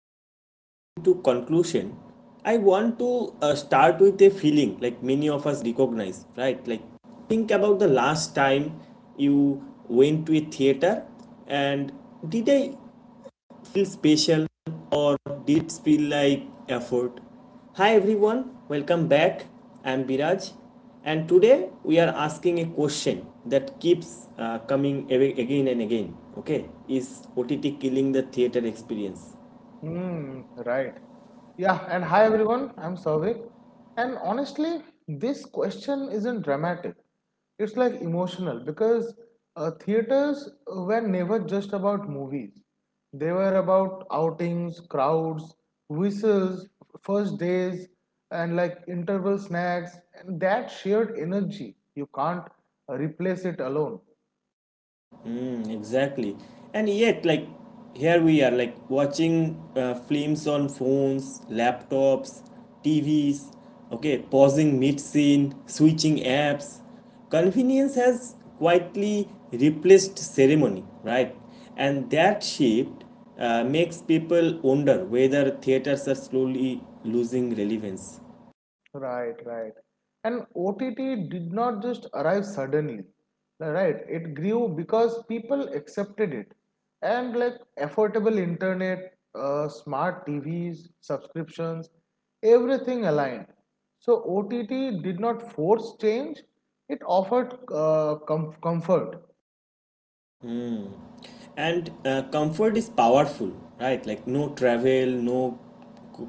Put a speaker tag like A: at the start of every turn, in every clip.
A: we jump into conclusion, I want to start with a feeling like many of us recognize, right? Like think about the last time you went to a theater and did I feel special or did it feel like effort? Hi everyone, welcome back. I'm Biraj, and today we are asking a question that keeps coming again and again. Okay, is OTT killing the theater experience?
B: Mm, right. Yeah, and hi everyone, I'm Savik. And honestly, this question isn't dramatic. It's like emotional because theaters were never just about movies. They were about outings, crowds, whistles, first days, and like interval snacks, and that shared energy. You can't replace it alone.
A: Mm, exactly. And yet, like, here we are, like, watching films on phones, laptops, TVs, okay, pausing mid scene, switching apps. Convenience has quietly replaced ceremony, right? And that shift makes people wonder whether theaters are slowly losing relevance.
B: Right, right. And OTT did not just arrive suddenly, right? It grew because people accepted it. And like affordable internet, smart TVs, subscriptions, everything aligned. So OTT did not force change, it offered comfort.
A: And comfort is powerful, right? Like no travel, no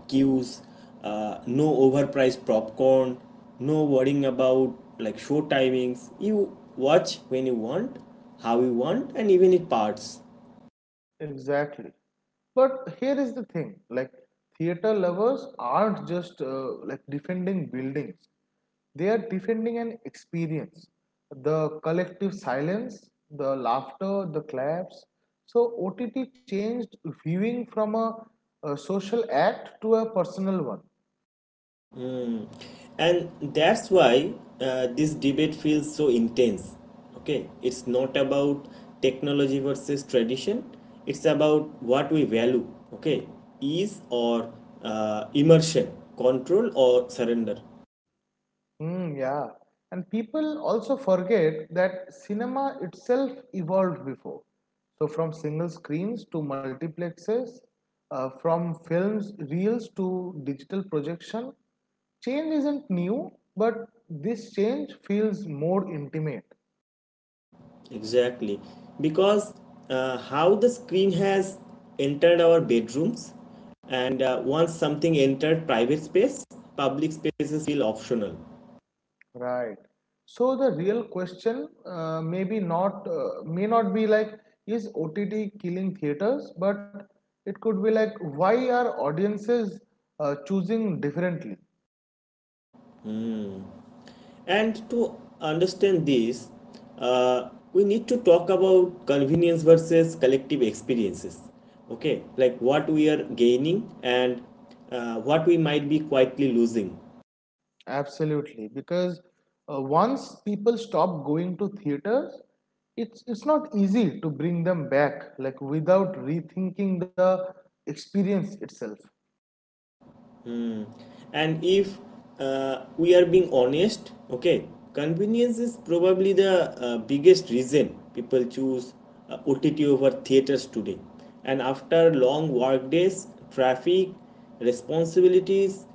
A: queues, no overpriced popcorn, no worrying about like show timings. You watch when you want, how you want, and even it parts.
B: Exactly. But here is the thing like, theater lovers aren't just like defending buildings, they are defending an experience, the collective silence, the laughter, the claps. So, OTT changed viewing from a social act to a personal one.
A: And that's why this debate feels so intense. Okay, it's not about technology versus tradition, it's about what we value. Okay, ease or immersion, control or surrender.
B: Yeah. And people also forget that cinema itself evolved before. So, from single screens to multiplexes, from films, reels to digital projection, change isn't new, but this change feels more intimate.
A: Exactly. Because how the screen has entered our bedrooms, and once something entered private space, public spaces feel optional.
B: Right. So the real question maybe not may not be like, is OTT killing theaters, but it could be like, why are audiences choosing differently?
A: And to understand this, we need to talk about convenience versus collective experiences. Okay, like what we are gaining and what we might be quietly losing.
B: Absolutely, because once people stop going to theaters, it's not easy to bring them back, like without rethinking the experience itself.
A: Mm. And if we are being honest, okay, convenience is probably the biggest reason people choose OTT over theaters today. And after long work days, traffic, responsibilities,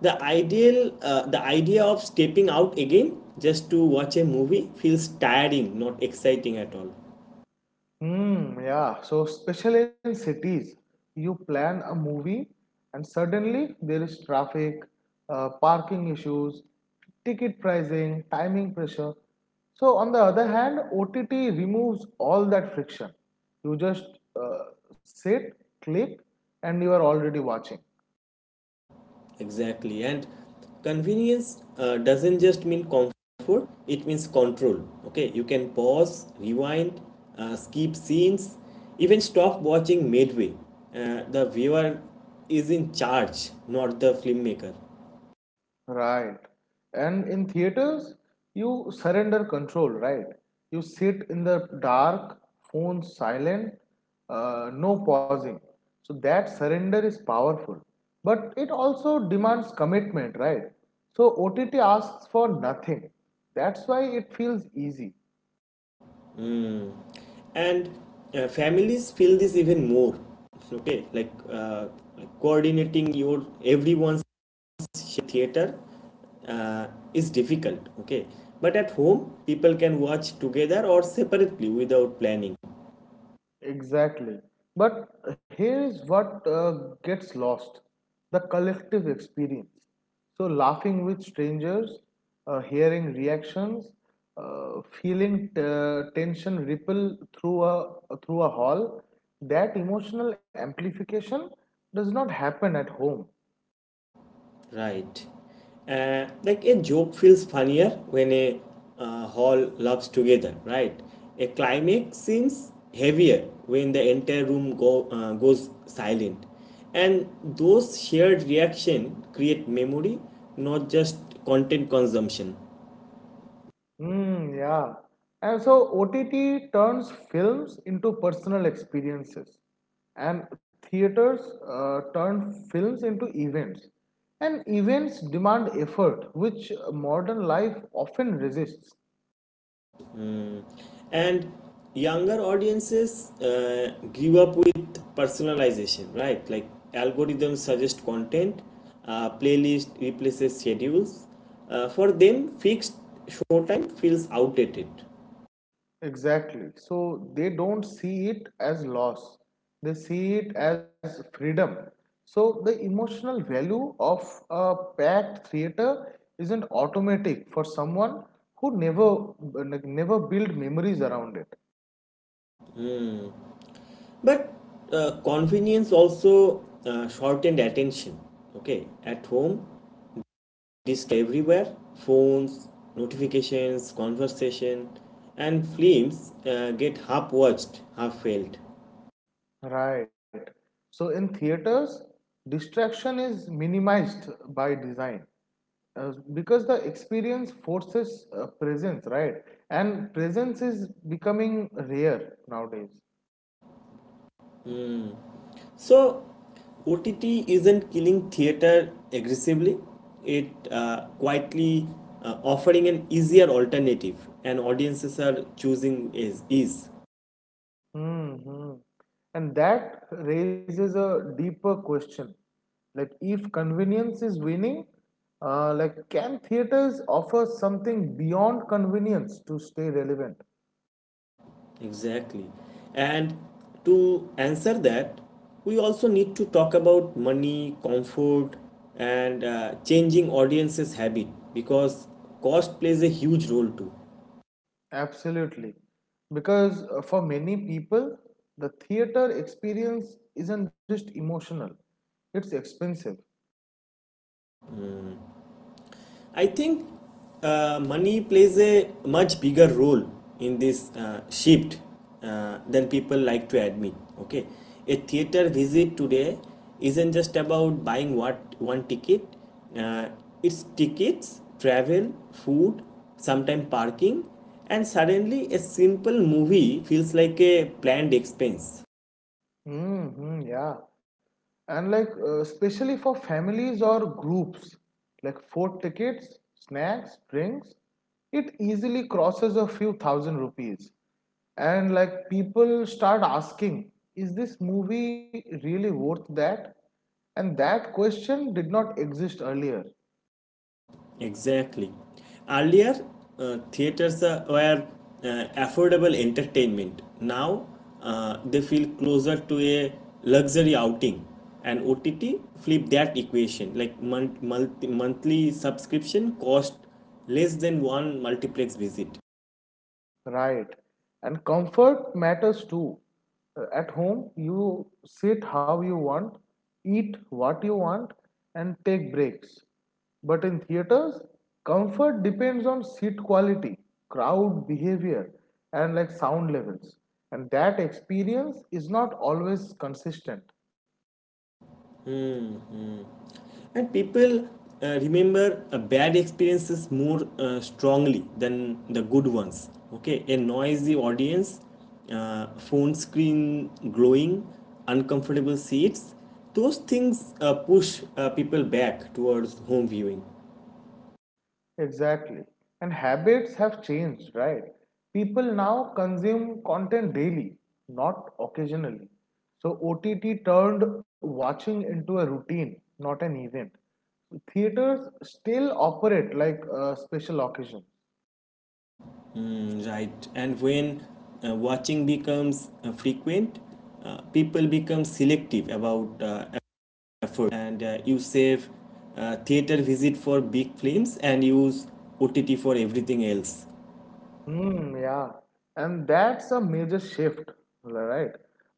A: the idea of stepping out again just to watch a movie feels tiring, not exciting at all.
B: Yeah. So, especially in cities, you plan a movie and suddenly there is traffic, parking issues, ticket pricing, timing pressure. So, on the other hand, OTT removes all that friction. You just uh, sit, click, and you are already watching.
A: Exactly. And convenience doesn't just mean comfort, it means control. Okay, you can pause, rewind, skip scenes, even stop watching midway. The viewer is in charge, not the filmmaker.
B: Right. And in theaters, you surrender control, right? You sit in the dark, phone silent, no pausing. So that surrender is powerful. But it also demands commitment, right? So OTT asks for nothing. That's why it feels easy.
A: Mm. And families feel this even more. Okay, like coordinating your everyone's theater uh, is difficult, okay, but at home people can watch together or separately without planning.
B: Exactly. But here is what gets lost, the collective experience. So, laughing with strangers, hearing reactions, tension ripple through a hall, that emotional amplification does not happen at home.
A: Right, like a joke feels funnier when a hall laughs together, right? A climax seems heavier when the entire room goes silent, and those shared reaction create memory, not just content consumption.
B: Yeah. And so OTT turns films into personal experiences, and theaters turn films into events. And events demand effort, which modern life often resists.
A: And younger audiences grew up with personalization, right? Like algorithms suggest content, playlist replaces schedules. For them fixed showtime feels outdated.
B: Exactly. So they don't see it as loss, they see it as freedom. So the emotional value of a packed theater isn't automatic for someone who never build memories around it.
A: But convenience also shortened attention. Okay, at home, display everywhere, phones, notifications, conversation, and films get half watched, half felt.
B: Right. So in theaters, distraction is minimized by design because the experience forces presence, right? And presence is becoming rare nowadays.
A: So, OTT isn't killing theater aggressively, it quietly offering an easier alternative, and audiences are choosing is ease.
B: hmm And that raises a deeper question. Like, if convenience is winning, can theaters offer something beyond convenience to stay relevant?
A: Exactly. And to answer that, we also need to talk about money, comfort, and changing audiences' habit, because cost plays a huge role too.
B: Absolutely. Because for many people, the theater experience isn't just emotional, it's expensive.
A: I think money plays a much bigger role in this shift than people like to admit. Okay, a theater visit today isn't just about buying what one ticket. Uh, it's tickets, travel, food, sometimes parking, and suddenly a simple movie feels like a planned expense.
B: Mm-hmm, yeah. And like, especially for families or groups, like four tickets, snacks, drinks, it easily crosses a few thousand rupees. And like, people start asking, is this movie really worth that? And that question did not exist earlier.
A: Exactly. Earlier, theaters were affordable entertainment. Now, they feel closer to a luxury outing. And OTT flip that equation. Like monthly subscription cost less than one multiplex visit.
B: Right. And comfort matters too. At home, you sit how you want, eat what you want, and take breaks. But in theaters, comfort depends on seat quality, crowd behavior, and like sound levels. And that experience is not always consistent.
A: And people remember bad experiences more strongly than the good ones. Okay, a noisy audience, phone screen glowing, uncomfortable seats, those things push people back towards home viewing.
B: Exactly. And habits have changed, right? People now consume content daily, not occasionally. So OTT turned watching into a routine, not an event. Theaters still operate like a special occasion.
A: Mm, right, and when watching becomes frequent, people become selective about effort, and you save theater visit for big films and use OTT for everything else.
B: Yeah. And that's a major shift, right?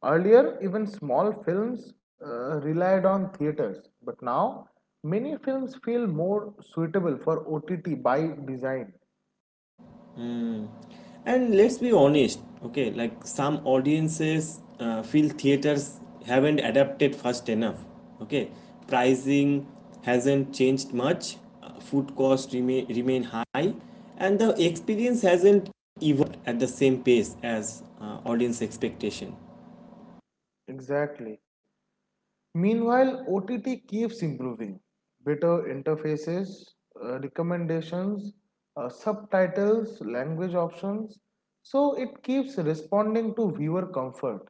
B: Earlier, even small films relied on theaters, but now many films feel more suitable for OTT by design.
A: And let's be honest, okay, like some audiences feel theaters haven't adapted fast enough, okay. Pricing hasn't changed much, food costs remain high, and the experience hasn't evolved at the same pace as audience expectation.
B: Exactly. Meanwhile, OTT keeps improving. Better interfaces, recommendations, subtitles, language options. So it keeps responding to viewer comfort.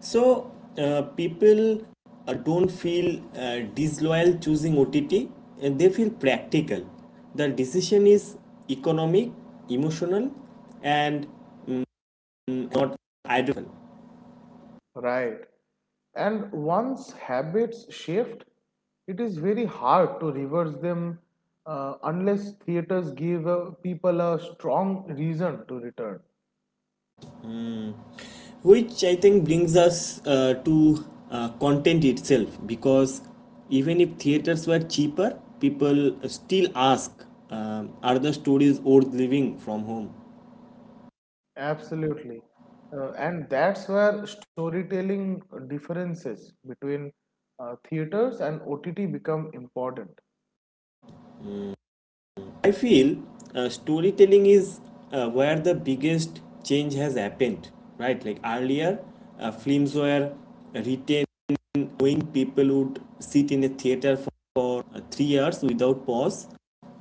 A: So people don't feel disloyal choosing OTT, and they feel practical. The decision is economic, emotional, and not ideological.
B: Right. And once habits shift, it is very hard to reverse them unless theaters give people a strong reason to return.
A: Which I think brings us to content itself, because even if theaters were cheaper, people still ask, are the stories worth living from home?
B: Absolutely. And that's where storytelling differences between theaters and OTT become important.
A: I feel storytelling is where the biggest change has happened, right? Like earlier, films were written knowing people would sit in a theater for 3 hours without pause.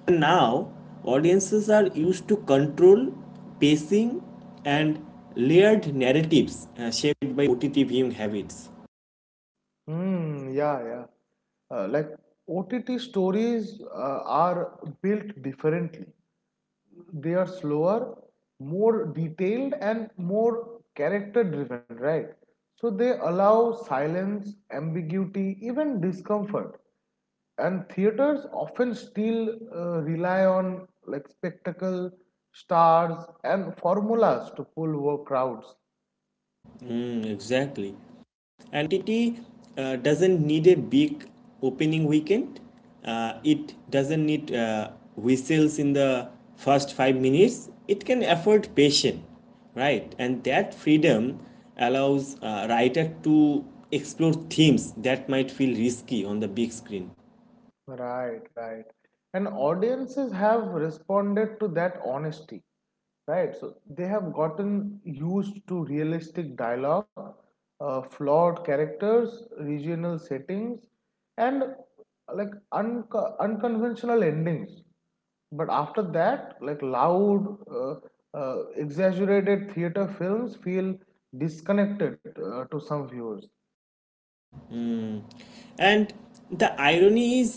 A: And now, audiences are used to control pacing and layered narratives shaped by OTT viewing habits.
B: Hmm, yeah, yeah. Like OTT stories are built differently. They are slower, more detailed, and more character driven, right? So they allow silence, ambiguity, even discomfort. And theaters often still rely on like spectacle, stars, and formulas to pull crowds.
A: Mm, exactly. Entity doesn't need a big opening weekend. It doesn't need whistles in the first 5 minutes. It can afford patience, right? And that freedom allows a writer to explore themes that might feel risky on the big screen.
B: Right, right. And audiences have responded to that honesty, right? So they have gotten used to realistic dialogue, flawed characters, regional settings, and like unconventional endings. But after that, like loud, uh, exaggerated theater films feel disconnected to some viewers.
A: Mm. And the irony is,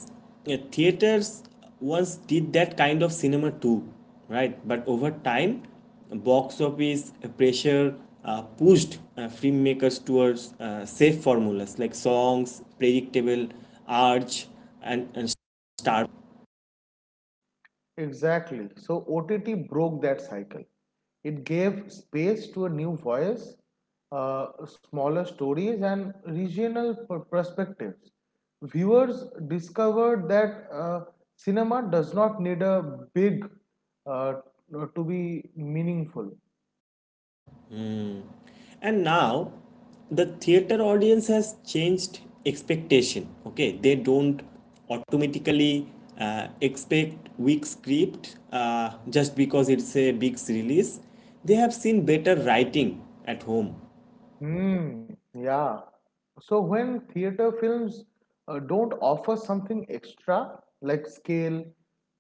A: theaters once did that kind of cinema too, right? But over time, box office pressure pushed filmmakers towards safe formulas like songs, predictable arch, and star.
B: Exactly. So OTT broke that cycle. It gave space to a new voice, smaller stories, and regional perspectives. Viewers discovered that cinema does not need a big uh, to be meaningful.
A: And now the theater audience has changed expectation. Okay, they don't automatically expect weak script just because it's a big release. They have seen better writing at home.
B: Hmm. yeah. So when theater films don't offer something extra, like scale,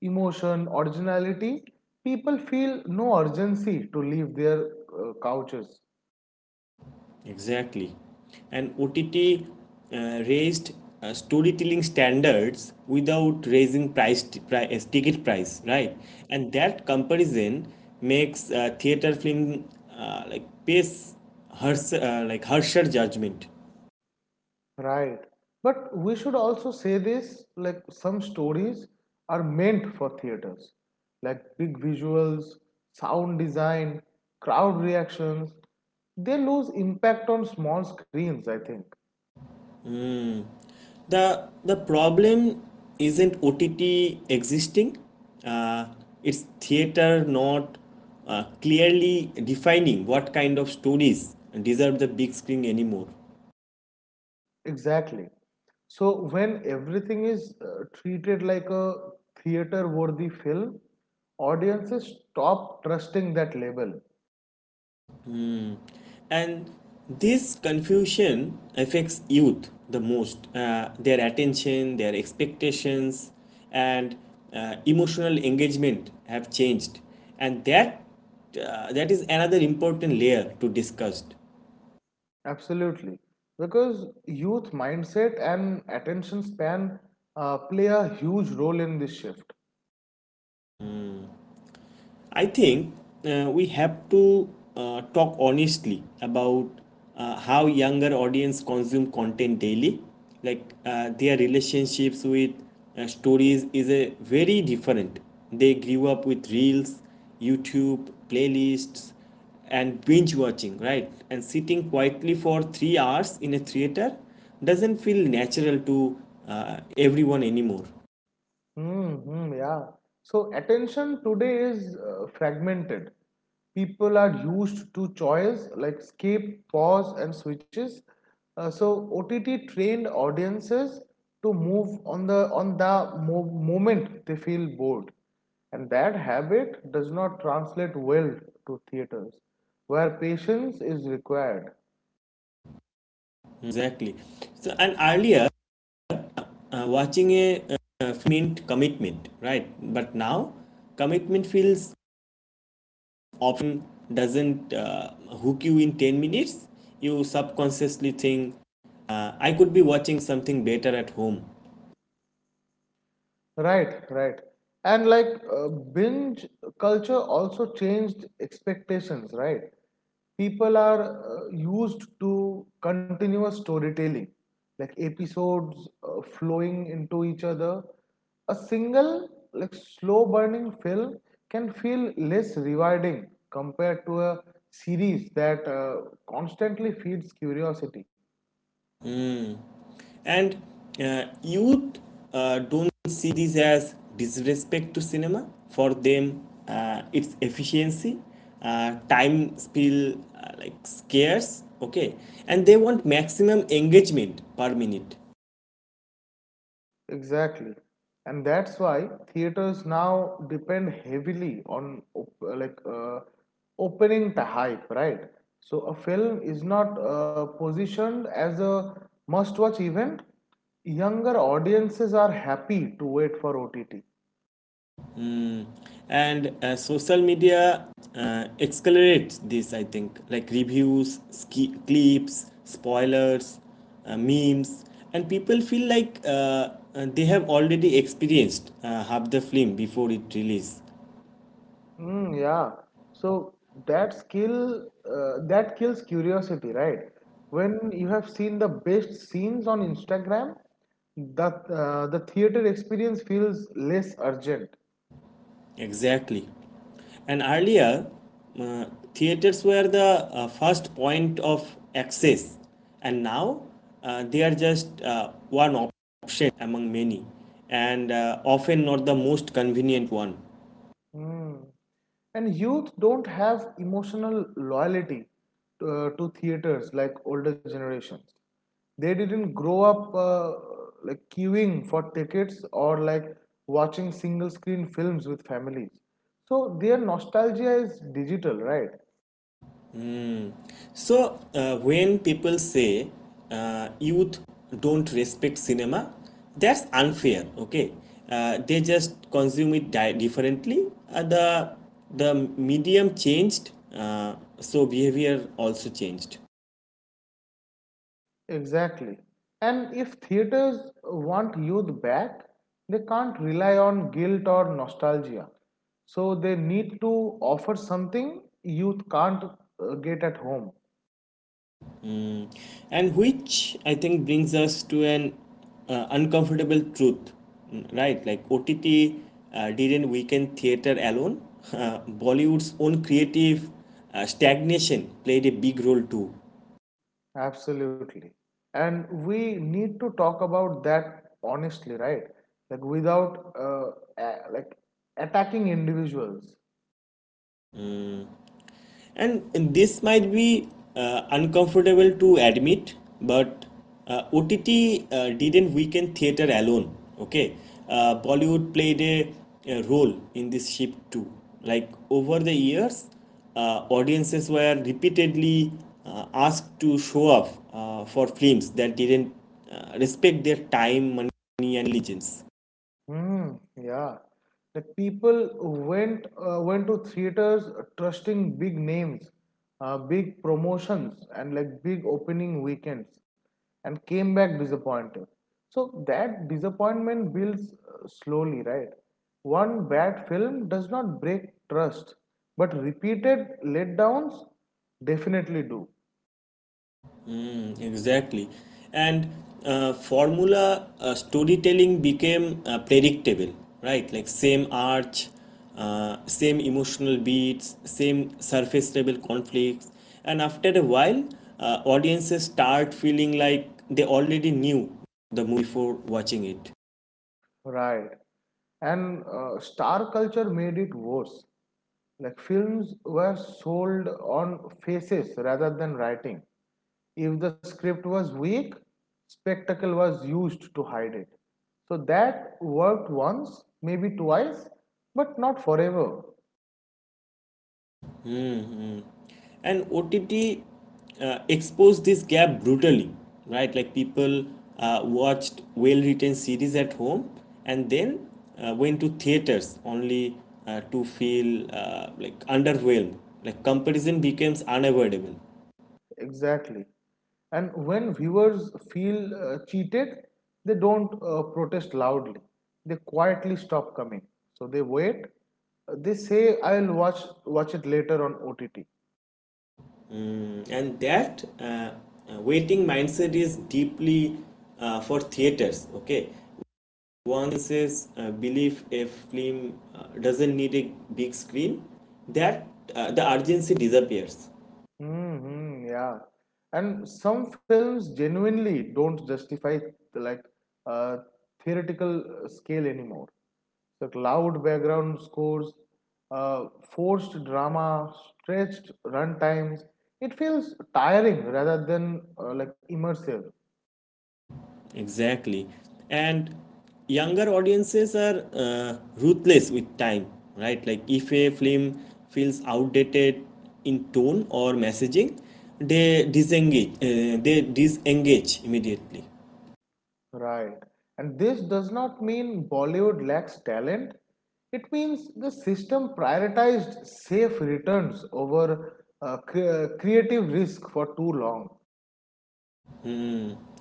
B: emotion, originality, people feel no urgency to leave their couches.
A: Exactly. And OTT raised storytelling standards without raising price, t- price ticket price, right? And that comparison makes theater film like pace harsher judgment.
B: Right. But we should also say this, like some stories are meant for theaters, like big visuals, sound design, crowd reactions. They lose impact on small screens, I think.
A: The problem isn't OTT existing. Uh, it's theater not clearly defining what kind of stories deserve the big screen anymore.
B: Exactly. So when everything is treated like a theater-worthy film, audiences stop trusting that label.
A: And this confusion affects youth the most. Their attention, their expectations, and emotional engagement have changed and that that is another important layer to discuss.
B: Absolutely. Because youth mindset and attention span play a huge role in this shift.
A: I think we have to talk honestly about how younger audience consume content daily. Like their relationships with stories is a very different. They grew up with reels, YouTube playlists, and binge watching, right? And sitting quietly for 3 hours in a theater doesn't feel natural to everyone anymore.
B: Mm-hmm, yeah. So attention today is fragmented. People are used to choice, like skip, pause, and switches. So OTT trained audiences to move on the moment they feel bored, and that habit does not translate well to theaters, where patience is required.
A: Exactly. So, and earlier, watching a mint commitment, right? But now commitment feels often doesn't hook you in 10 minutes. You subconsciously think, I could be watching something better at home.
B: Right, right. And like binge culture also changed expectations, right? People are used to continuous storytelling, like episodes flowing into each other. A single, like slow burning film can feel less rewarding compared to a series that constantly feeds curiosity.
A: And youth don't see this as disrespect to cinema. For them, it's efficiency. Time feel like scarce. Okay, and they want maximum engagement per minute.
B: Exactly. And that's why theaters now depend heavily on op like opening the hype, right? So a film is not positioned as a must-watch event. Younger audiences are happy to wait for OTT.
A: And social media accelerates this, I think. Like reviews, clips, spoilers, memes, and people feel like they have already experienced half the film before it release.
B: Yeah. So that kills curiosity, right? When you have seen the best scenes on Instagram, that the theater experience feels less urgent.
A: Exactly. And earlier, uh, theaters were the first point of access, and now they are just one option among many, and often not the most convenient one.
B: Mm. And youth don't have emotional loyalty to theaters like older generations. They didn't grow up like queuing for tickets, or like watching single screen films with families. So their nostalgia is digital, right?
A: So, when people say youth don't respect cinema, that's unfair. Okay, they just consume it differently. The medium changed, uh, so behavior also changed.
B: Exactly. And if theaters want youth back, they can't rely on guilt or nostalgia. So they need to offer something youth can't get at home.
A: And which I think brings us to an uncomfortable truth, right? Like OTT didn't weaken theater alone. Bollywood's own creative stagnation played a big role too.
B: Absolutely. And we need to talk about that honestly, right? Like without a- like attacking individuals.
A: And this might be uncomfortable to admit, but OTT didn't weaken theater alone. Okay, Bollywood played a role in this shift too. Like over the years, audiences were repeatedly asked to show up for films that didn't respect their time, money, and allegiance.
B: Hmm. yeah. Like people went to theaters trusting big names, big promotions, and like big opening weekends, and came back disappointed. So that disappointment builds slowly, right? One bad film does not break trust, but repeated letdowns definitely do.
A: Mm, exactly. And formula storytelling became predictable, right? Like same arch, same emotional beats, same surface level conflicts. And after a while, audiences start feeling like they already knew the movie before watching it.
B: Right. And star culture made it worse. Like films were sold on faces rather than writing. If the script was weak, spectacle was used to hide it. So that worked once, maybe twice, but not forever.
A: And OTT exposed this gap brutally, right? Like people watched well-written series at home and then went to theaters only to feel like underwhelmed. Like comparison becomes unavoidable.
B: Exactly. And when viewers feel cheated, they don't protest loudly. They quietly stop coming. So they wait. They say, I'll watch it later on OTT.
A: And that waiting mindset is deeply for theaters. Okay, one says believe a film doesn't need a big screen, that the urgency disappears.
B: Mm-hmm, yeah. And some films genuinely don't justify like uh, theoretical scale anymore. So loud background scores, uh, forced drama, stretched runtimes. It feels tiring rather than like immersive.
A: Exactly. And younger audiences are ruthless with time, right? Like if a film feels outdated in tone or messaging, they disengage immediately.
B: Right. And this does not mean Bollywood lacks talent. It means the system prioritized safe returns over creative risk for too long.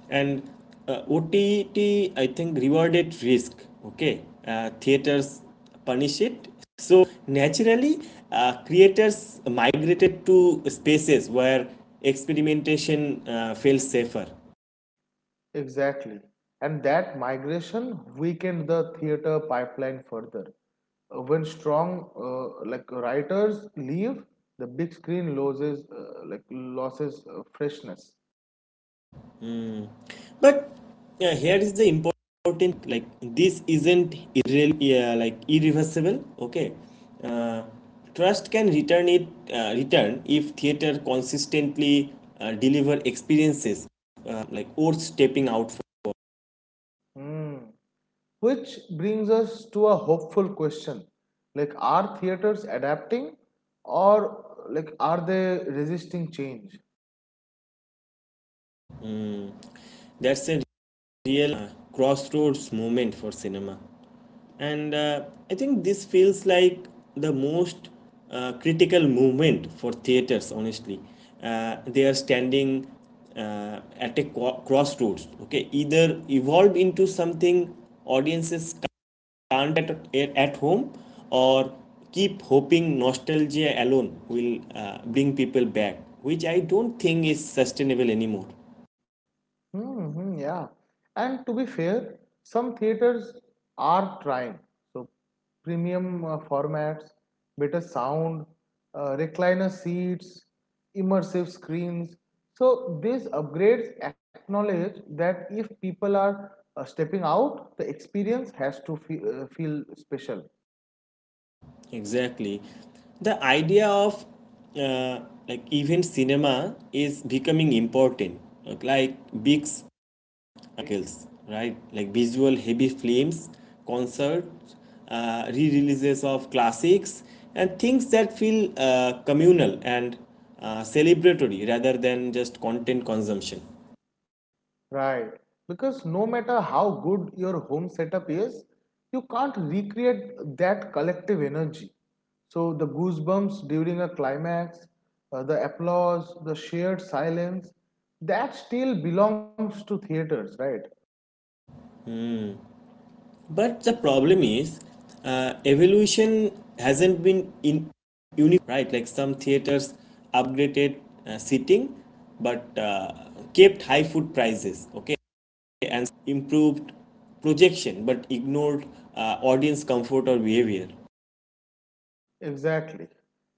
A: And OTT, I think, rewarded risk, okay? Theaters punish it. So naturally, creators migrated to spaces where experimentation feels safer.
B: Exactly. And that migration weakened the theater pipeline further. When strong like writers leave, the big screen loses freshness.
A: But here is the important, like this isn't irreversible. Okay, uh, trust can return if theater consistently deliver experiences like worth stepping out for.
B: Hmm. Which brings us to a hopeful question. Like, are theaters adapting, or like are they resisting change?
A: Mm, that's a real crossroads moment for cinema. And I think this feels like the most critical moment for theaters, honestly. They are standing at a crossroads, okay? Either evolve into something audiences can't at home, or keep hoping nostalgia alone will bring people back, which I don't think is sustainable anymore.
B: Yeah. And to be fair, some theaters are trying. So, premium formats, better sound, recliner seats, immersive screens. So, these upgrades acknowledge that if people are stepping out, the experience has to feel special.
A: Exactly. The idea of uh, like event cinema is becoming important, like big spectacles, right? Like visual heavy films, concerts, re-releases of classics, and things that feel communal and celebratory rather than just content consumption.
B: Right. Because no matter how good your home setup is, you can't recreate that collective energy. So the goosebumps during a climax, the applause, the shared silence, that still belongs to theaters, right?
A: But the problem is, evolution hasn't been in unique, right? Like some theaters upgraded seating, but kept high food prices. Okay, improved projection, but ignored audience comfort or behavior.
B: Exactly.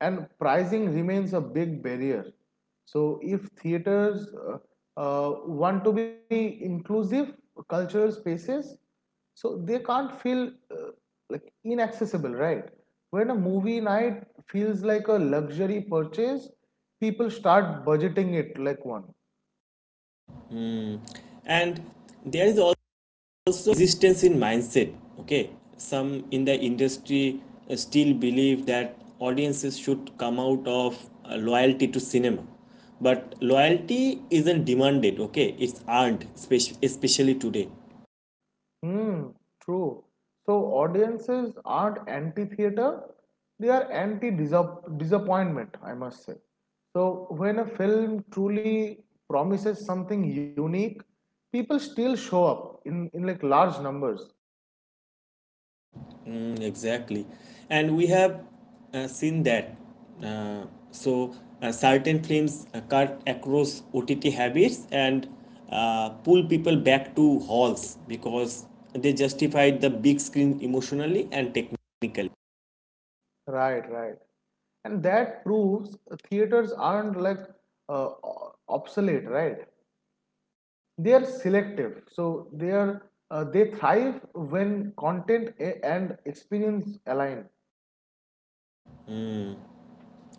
B: And pricing remains a big barrier. So, if theaters want to be inclusive cultural spaces, so they can't feel like inaccessible, right? When a movie night feels like a luxury purchase, people start budgeting it like one.
A: Mm. And there is also resistance in mindset. Okay, some in the industry still believe that audiences should come out of loyalty to cinema, but loyalty isn't demanded, okay, it's earned, especially today.
B: Hmm, true. So audiences aren't anti-theater, they are anti-disappointment, I must say. So when a film truly promises something unique, people still show up in like large numbers.
A: Mm, exactly. And we have seen that. Uh, so, certain films cut across OTT habits and pull people back to halls because they justified the big screen emotionally and technically.
B: Right, right. And that proves theaters aren't like uh, obsolete, right? They are selective. So they thrive when content and experience align.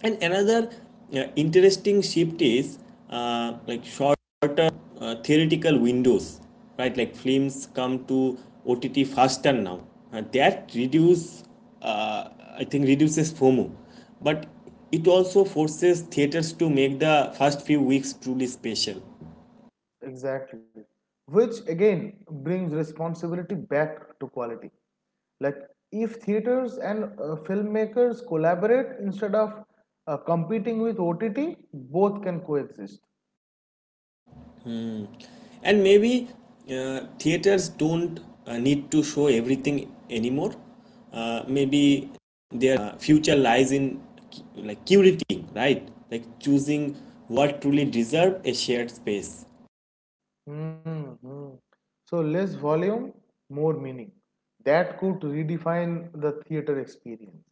A: And another interesting shift is like shorter theoretical windows, right? Like films come to OTT faster now. That reduce, uh, I think, Reduces FOMO, but it also forces theaters to make the first few weeks truly special.
B: Exactly. Which again brings responsibility back to quality. Like if theaters and filmmakers collaborate instead of competing with OTT, both can coexist.
A: And maybe theaters don't need to show everything anymore. Maybe their future lies in like curating, right? Like choosing what truly deserve a shared space.
B: Hmm. So less volume, more meaning. That could redefine the theater experience.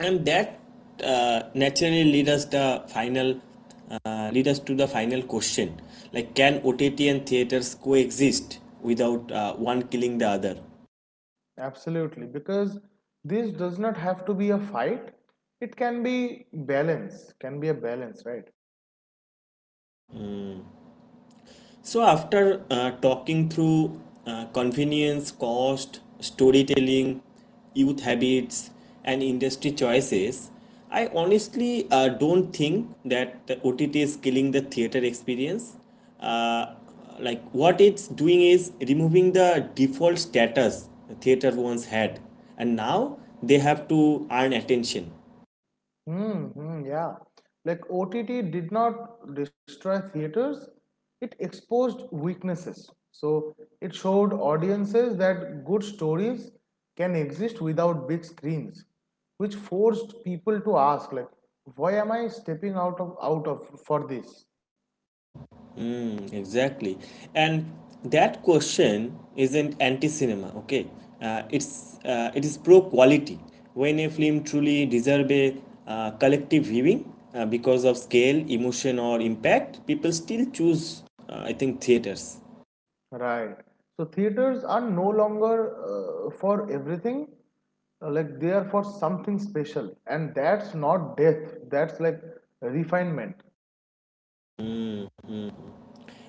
A: And that uh, naturally lead us to the final question, like can OTT and theaters coexist without one killing the other?
B: Absolutely, because this does not have to be a fight. It can be a balance, right?
A: So, after talking through convenience, cost, storytelling, youth habits, and industry choices, I honestly don't think that the OTT is killing the theater experience. Uh, like, what it's doing is removing the default status theater once had, and now they have to earn attention.
B: Yeah. Like OTT did not destroy theaters, it exposed weaknesses. So it showed audiences that good stories can exist without big screens, which forced people to ask, like, why am I stepping out of for this?
A: Mm, exactly. And that question isn't anti-cinema, okay? It is pro quality. When a film truly deserves a collective viewing because of scale, emotion, or impact, people still choose, I think, theaters.
B: Right. So theaters are no longer for everything. Like they are for something special, and that's not death, that's like refinement.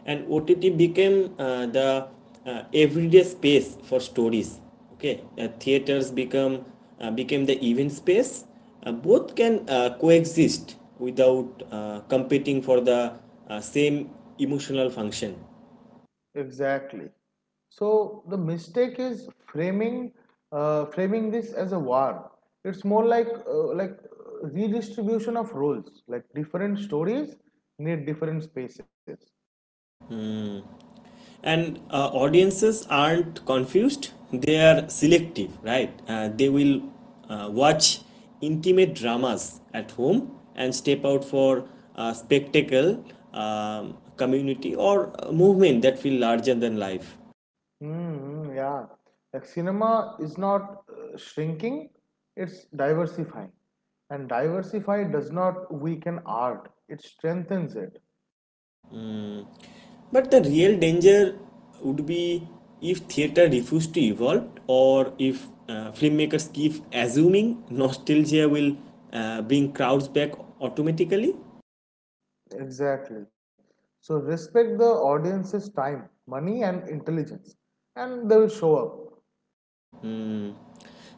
A: And OTT became the everyday space for stories. Okay, theaters become became the event space. Both can coexist without competing for the same emotional function.
B: Exactly. So the mistake is framing this as a war. It's more like redistribution of roles. Like different stories need different spaces.
A: And audiences aren't confused, they are selective, right? They will watch intimate dramas at home and step out for spectacle, community, or movement that feel larger than life.
B: Yeah. Like cinema is not shrinking; it's diversifying, and diversify does not weaken art. It strengthens it.
A: But the real danger would be if theater refuses to evolve, or if filmmakers keep assuming nostalgia will bring crowds back automatically.
B: Exactly. So respect the audience's time, money, and intelligence, and they will show up.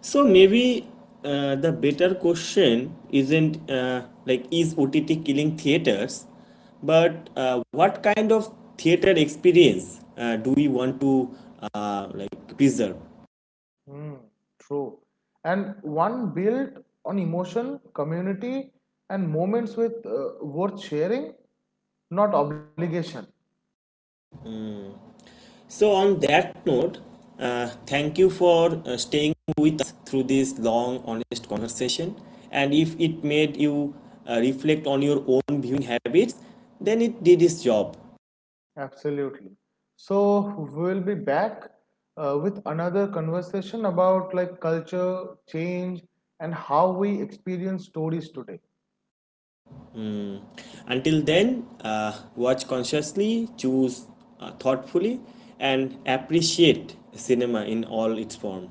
A: So maybe the better question isn't like is OTT killing theaters, but what kind of theater experience do we want to like preserve?
B: Hmm, true. And one built on emotion, community, and moments with worth sharing, not obligation.
A: So on that note, thank you for staying with us through this long, honest conversation. And if it made you reflect on your own viewing habits, then it did its job.
B: Absolutely. So we'll be back with another conversation about like culture, change, and how we experience stories today.
A: Mm. Until then, watch consciously, choose thoughtfully, and appreciate cinema in all its form.